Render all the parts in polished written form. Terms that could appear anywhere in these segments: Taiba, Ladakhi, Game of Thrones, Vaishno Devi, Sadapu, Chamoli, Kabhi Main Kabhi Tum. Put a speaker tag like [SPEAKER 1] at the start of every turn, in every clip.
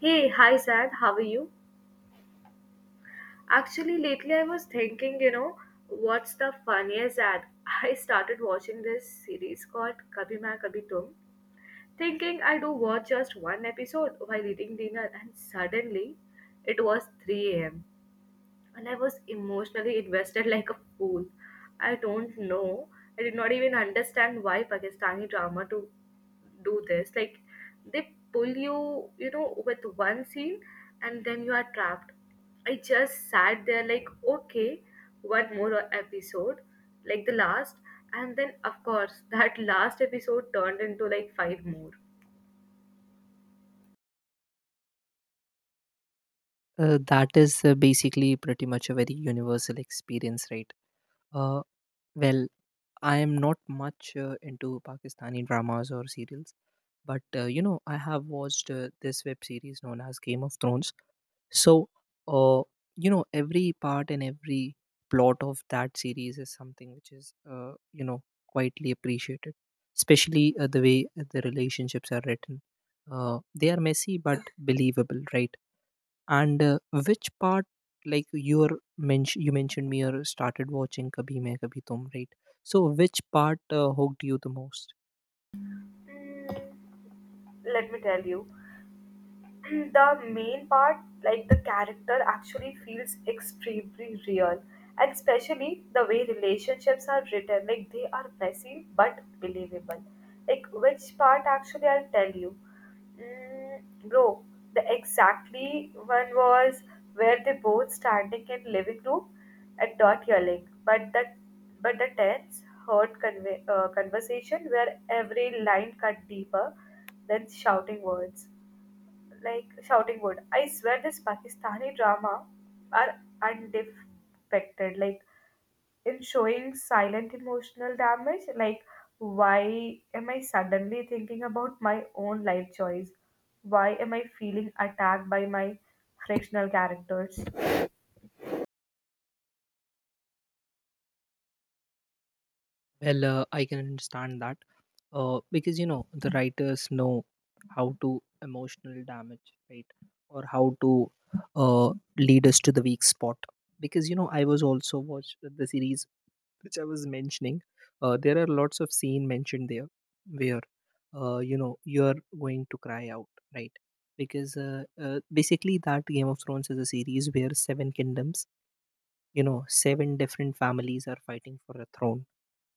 [SPEAKER 1] Hey, hi Sad, how are you? Actually, lately I was thinking, what's the funniest ad? I started watching this series called Kabhi Main Kabhi Tum, thinking I do watch just one episode while eating dinner, and suddenly it was 3 a.m and I was emotionally invested like a fool. I don't know. I did not even understand why Pakistani drama to do this. Like they pull you, with one scene and then you are trapped. I just sat there like, okay, one more episode, like the last, and then of course that last episode turned into like five more.
[SPEAKER 2] That is basically pretty much a very universal experience, right? Uh, well, I am not much into Pakistani dramas or serials, but I have watched this web series known as Game of Thrones. So, uh, every part and every plot of that series is something which is, quietly appreciated, especially the way the relationships are written. They are messy but believable, right? And which part, you mentioned me or started watching Kabhi Main Kabhi Tum, right? So which part hooked you the most?
[SPEAKER 1] Mm, let me tell you. And the main part, like the character, actually feels extremely real, and especially the way relationships are written, like they are messy but believable. Like which part actually I'll tell you, bro. The exactly one was where they both standing in living room and not yelling, but the tense heard conversation where every line cut deeper than shouting words like shouting wood. I swear this Pakistani drama are undefected, like in showing silent emotional damage. Like, why am I suddenly thinking about my own life choice? Why am I feeling attacked by my frictional characters?
[SPEAKER 2] Well, I can understand that because you know the writers know how to emotional damage, right? Or how to uh, lead us to the weak spot. Because you know, I was also watched the series which I was mentioning. There are lots of scene mentioned there where you know you're going to cry out, right? Because basically that Game of Thrones is a series where seven kingdoms, you know, seven different families are fighting for a throne.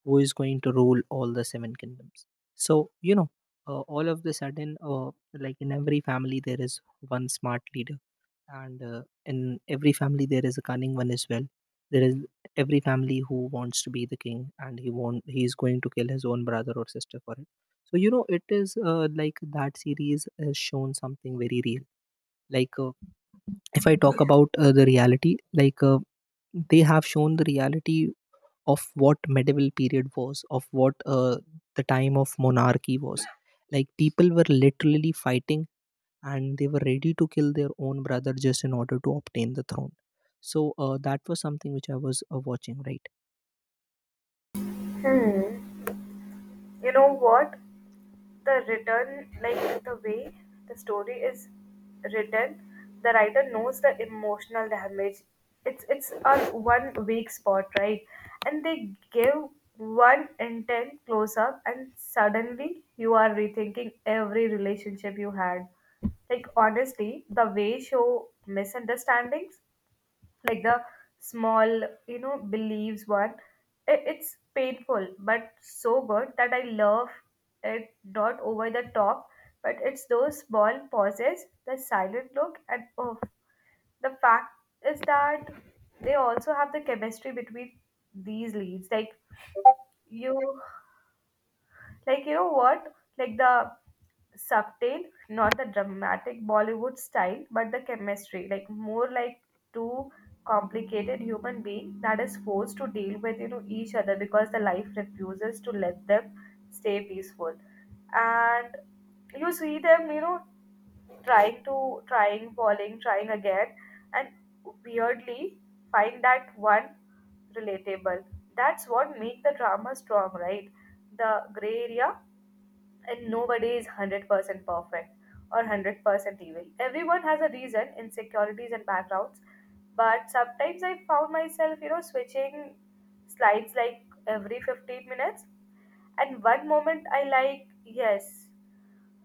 [SPEAKER 2] Who is going to rule all the seven kingdoms? So you know, all of the sudden, like in every family, there is one smart leader and in every family there is a cunning one as well. There is every family who wants to be the king, and he won't, he is going to kill his own brother or sister for it. So you know, it is like that series has shown something very real. like uh, if I talk about the reality, they have shown the reality of what medieval period was, of what the time of monarchy was, like people were literally fighting and they were ready to kill their own brother just in order to obtain the throne. So that was something which I was watching, right?
[SPEAKER 1] Hmm. You know what, the written, like the way the story is written, the writer knows the emotional damage. It's a one weak spot, right? And they give one intense close up and suddenly you are rethinking every relationship you had. Like honestly the way show misunderstandings, like the small, believes one. It's painful but so good that I love it. Not over the top, but it's those small pauses, the silent look, and oh, the fact is that they also have the chemistry between these leads, like you, like, you know what? Like the subtle, not the dramatic Bollywood style, but the chemistry. Like, more like two complicated human being that is forced to deal with, each other because the life refuses to let them stay peaceful. And you see them, trying to, trying, falling, trying again, and weirdly find that one relatable. That's what make the drama strong, right? The gray area and nobody is 100% perfect or 100% evil. Everyone has a reason, insecurities, and backgrounds. But sometimes I found myself, switching slides like every 15 minutes. And one moment I like, yes,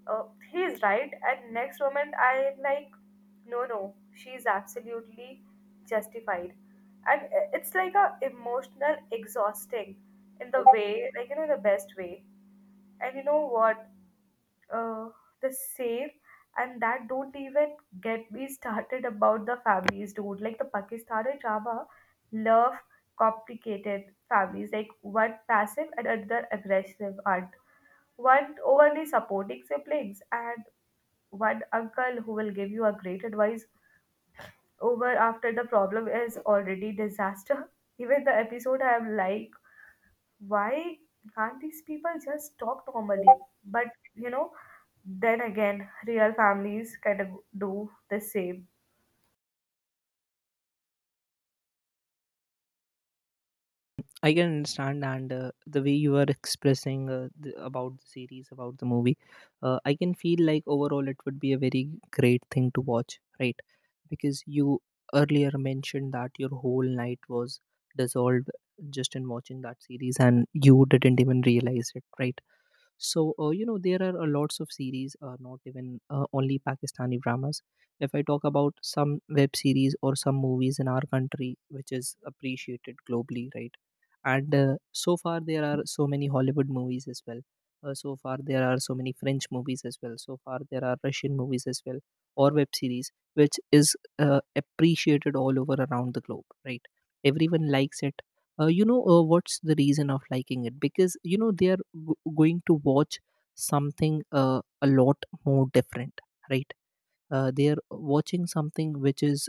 [SPEAKER 1] uh, he is right. And next moment I like, no, no, she is absolutely justified. And it's like a emotional exhausting in the way, like, the best way. And you know what? uh, the same, and that, don't even get me started about the families, dude. Like the Pakistani drama love complicated families, like one passive and another aggressive aunt, one overly supporting siblings, and one uncle who will give you a great advice over after the problem is already disaster. Even the episode I am like, why can't these people just talk normally? But you know, then again, real families kind of do the same.
[SPEAKER 2] I can understand, and the way you are expressing about the series, about the movie, I can feel like overall it would be a very great thing to watch, right? Because you earlier mentioned that your whole night was dissolved just in watching that series and you didn't even realize it, right? So, you know, there are a lots of series, not even only Pakistani dramas. If I talk about some web series or some movies in our country, which is appreciated globally, right? And so far, there are so many Hollywood movies as well. So far, there are so many French movies as well. So far, there are Russian movies as well, or web series, which is appreciated all over around the globe, right? Everyone likes it. You know, what's the reason of liking it? Because you know they are g- going to watch something a lot more different, right? They are watching something which is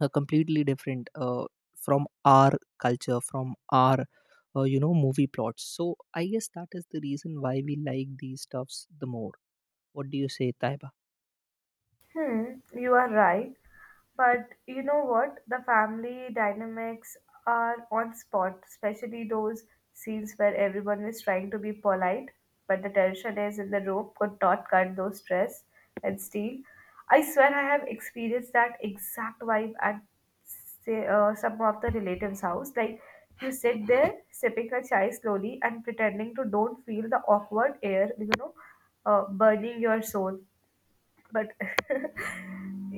[SPEAKER 2] completely different from our culture, from our you know, movie plots. So I guess that is the reason why we like these stuffs the more. What do you say, Taiba?
[SPEAKER 1] Hmm, you are right. But you know what? The family dynamics are on spot, especially those scenes where everyone is trying to be polite, but the tension is in the room could not cut those stress and steel. I swear I have experienced that exact vibe at say, some of the relatives' house. Like you sit there sipping a chai slowly and pretending to don't feel the awkward air, burning your soul. But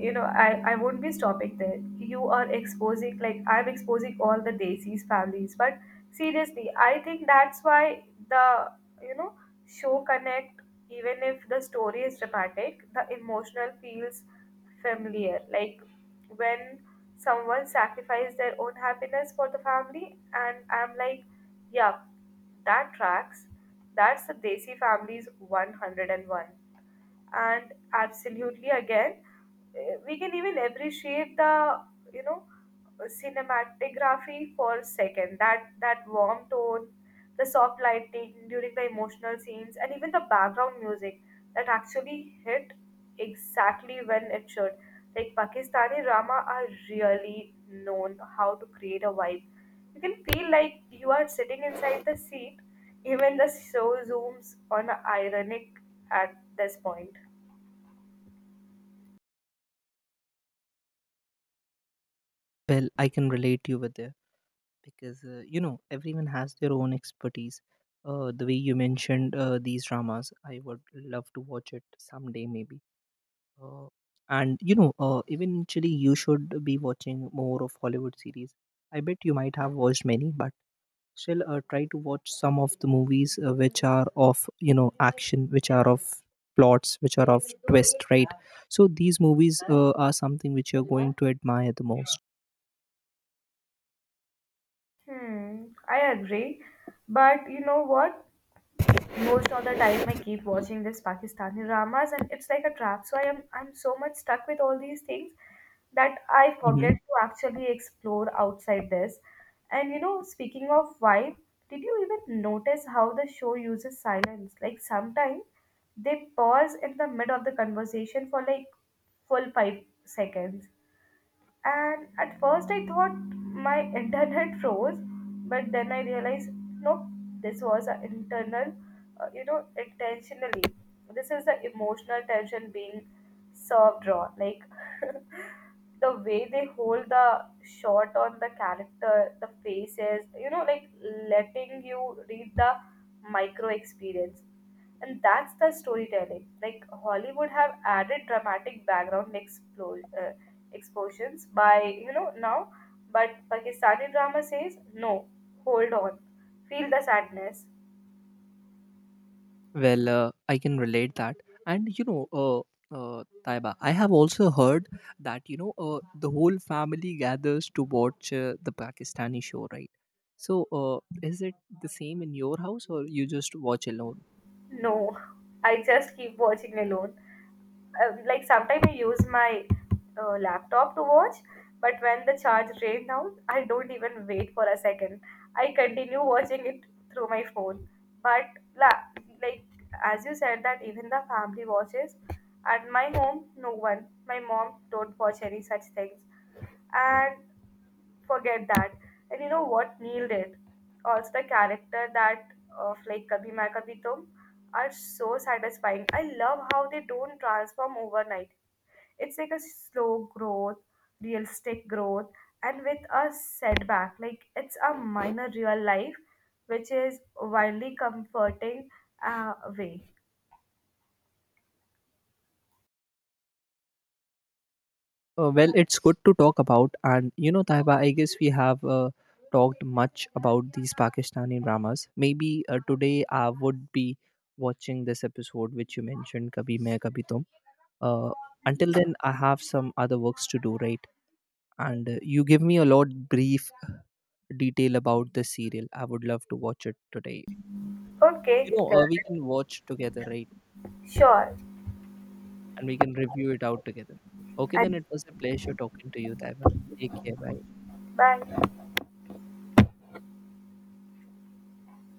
[SPEAKER 1] I won't be stopping there. You are exposing, like I'm exposing all the daisies families. But seriously I think that's why the, you know show connect, even if the story is dramatic the emotional feels familiar, like when someone sacrificed their own happiness for the family and I'm like, yeah, that tracks. That's the desi family's 101 and one. And absolutely again, we can even appreciate the, you know cinematography for a second. That warm tone, the soft lighting during the emotional scenes, and even the background music that actually hit exactly when it should. Like Pakistani drama are really known how to create a vibe, you can feel like you are sitting inside the seat, even the show zooms on ironic at this point.
[SPEAKER 2] Well, I can relate you with this because you know, everyone has their own expertise. The way you mentioned these dramas, I would love to watch it someday maybe. uh, and you know, eventually you should be watching more of Hollywood series. I bet you might have watched many, but still try to watch some of the movies which are of you know action, which are of plots, which are of twist, right? So these movies are something which you're going to admire the most.
[SPEAKER 1] Hmm, I agree. But you know what? Most of the time I keep watching this Pakistani dramas and it's like a trap. So I'm so much stuck with all these things that I forget to actually explore outside this. And speaking of vibe, did you even notice how the show uses silence? Like sometimes they pause in the mid of the conversation for like full 5 seconds. And at first, I thought my internet froze, but then I realized no, this was an internal, intentionally. This is the emotional tension being served raw. Like, the way they hold the shot on the character, the faces, like letting you read the micro experience. And that's the storytelling. Like Hollywood have added dramatic background explosions by, now, but Pakistani drama says, no, hold on, feel the sadness.
[SPEAKER 2] Well, I can relate that. And you know, Taiba, I have also heard that you know the whole family gathers to watch the Pakistani show, right? So, is it the same in your house, or you just watch alone?
[SPEAKER 1] No, I just keep watching alone. Like sometimes I use my laptop to watch, but when the charge drains out, I don't even wait for a second. I continue watching it through my phone. But la- like as you said that even the family watches. At my home, no one. My mom don't watch any such things, and forget that. And you know what Neil did? Also, the character that of like Kabhi Main Kabhi Tum are so satisfying. I love how they don't transform overnight. It's like a slow growth, realistic growth, and with a setback. Like it's a minor real life, which is wildly comforting way.
[SPEAKER 2] Well, it's good to talk about, and you know, Taiba, I guess we have talked much about these Pakistani dramas. Maybe today I would be watching this episode which you mentioned, "Kabhi Main Kabhi Tum." uh, until then, I have some other works to do, right? And you give me a lot brief detail about the serial. I would love to watch it today. You
[SPEAKER 1] Okay,
[SPEAKER 2] know, we can watch together, right?
[SPEAKER 1] sure.
[SPEAKER 2] And we can review it out together. Okay, then
[SPEAKER 1] And
[SPEAKER 2] it was a pleasure talking to you, Taiba. Take care, bye.
[SPEAKER 1] bye.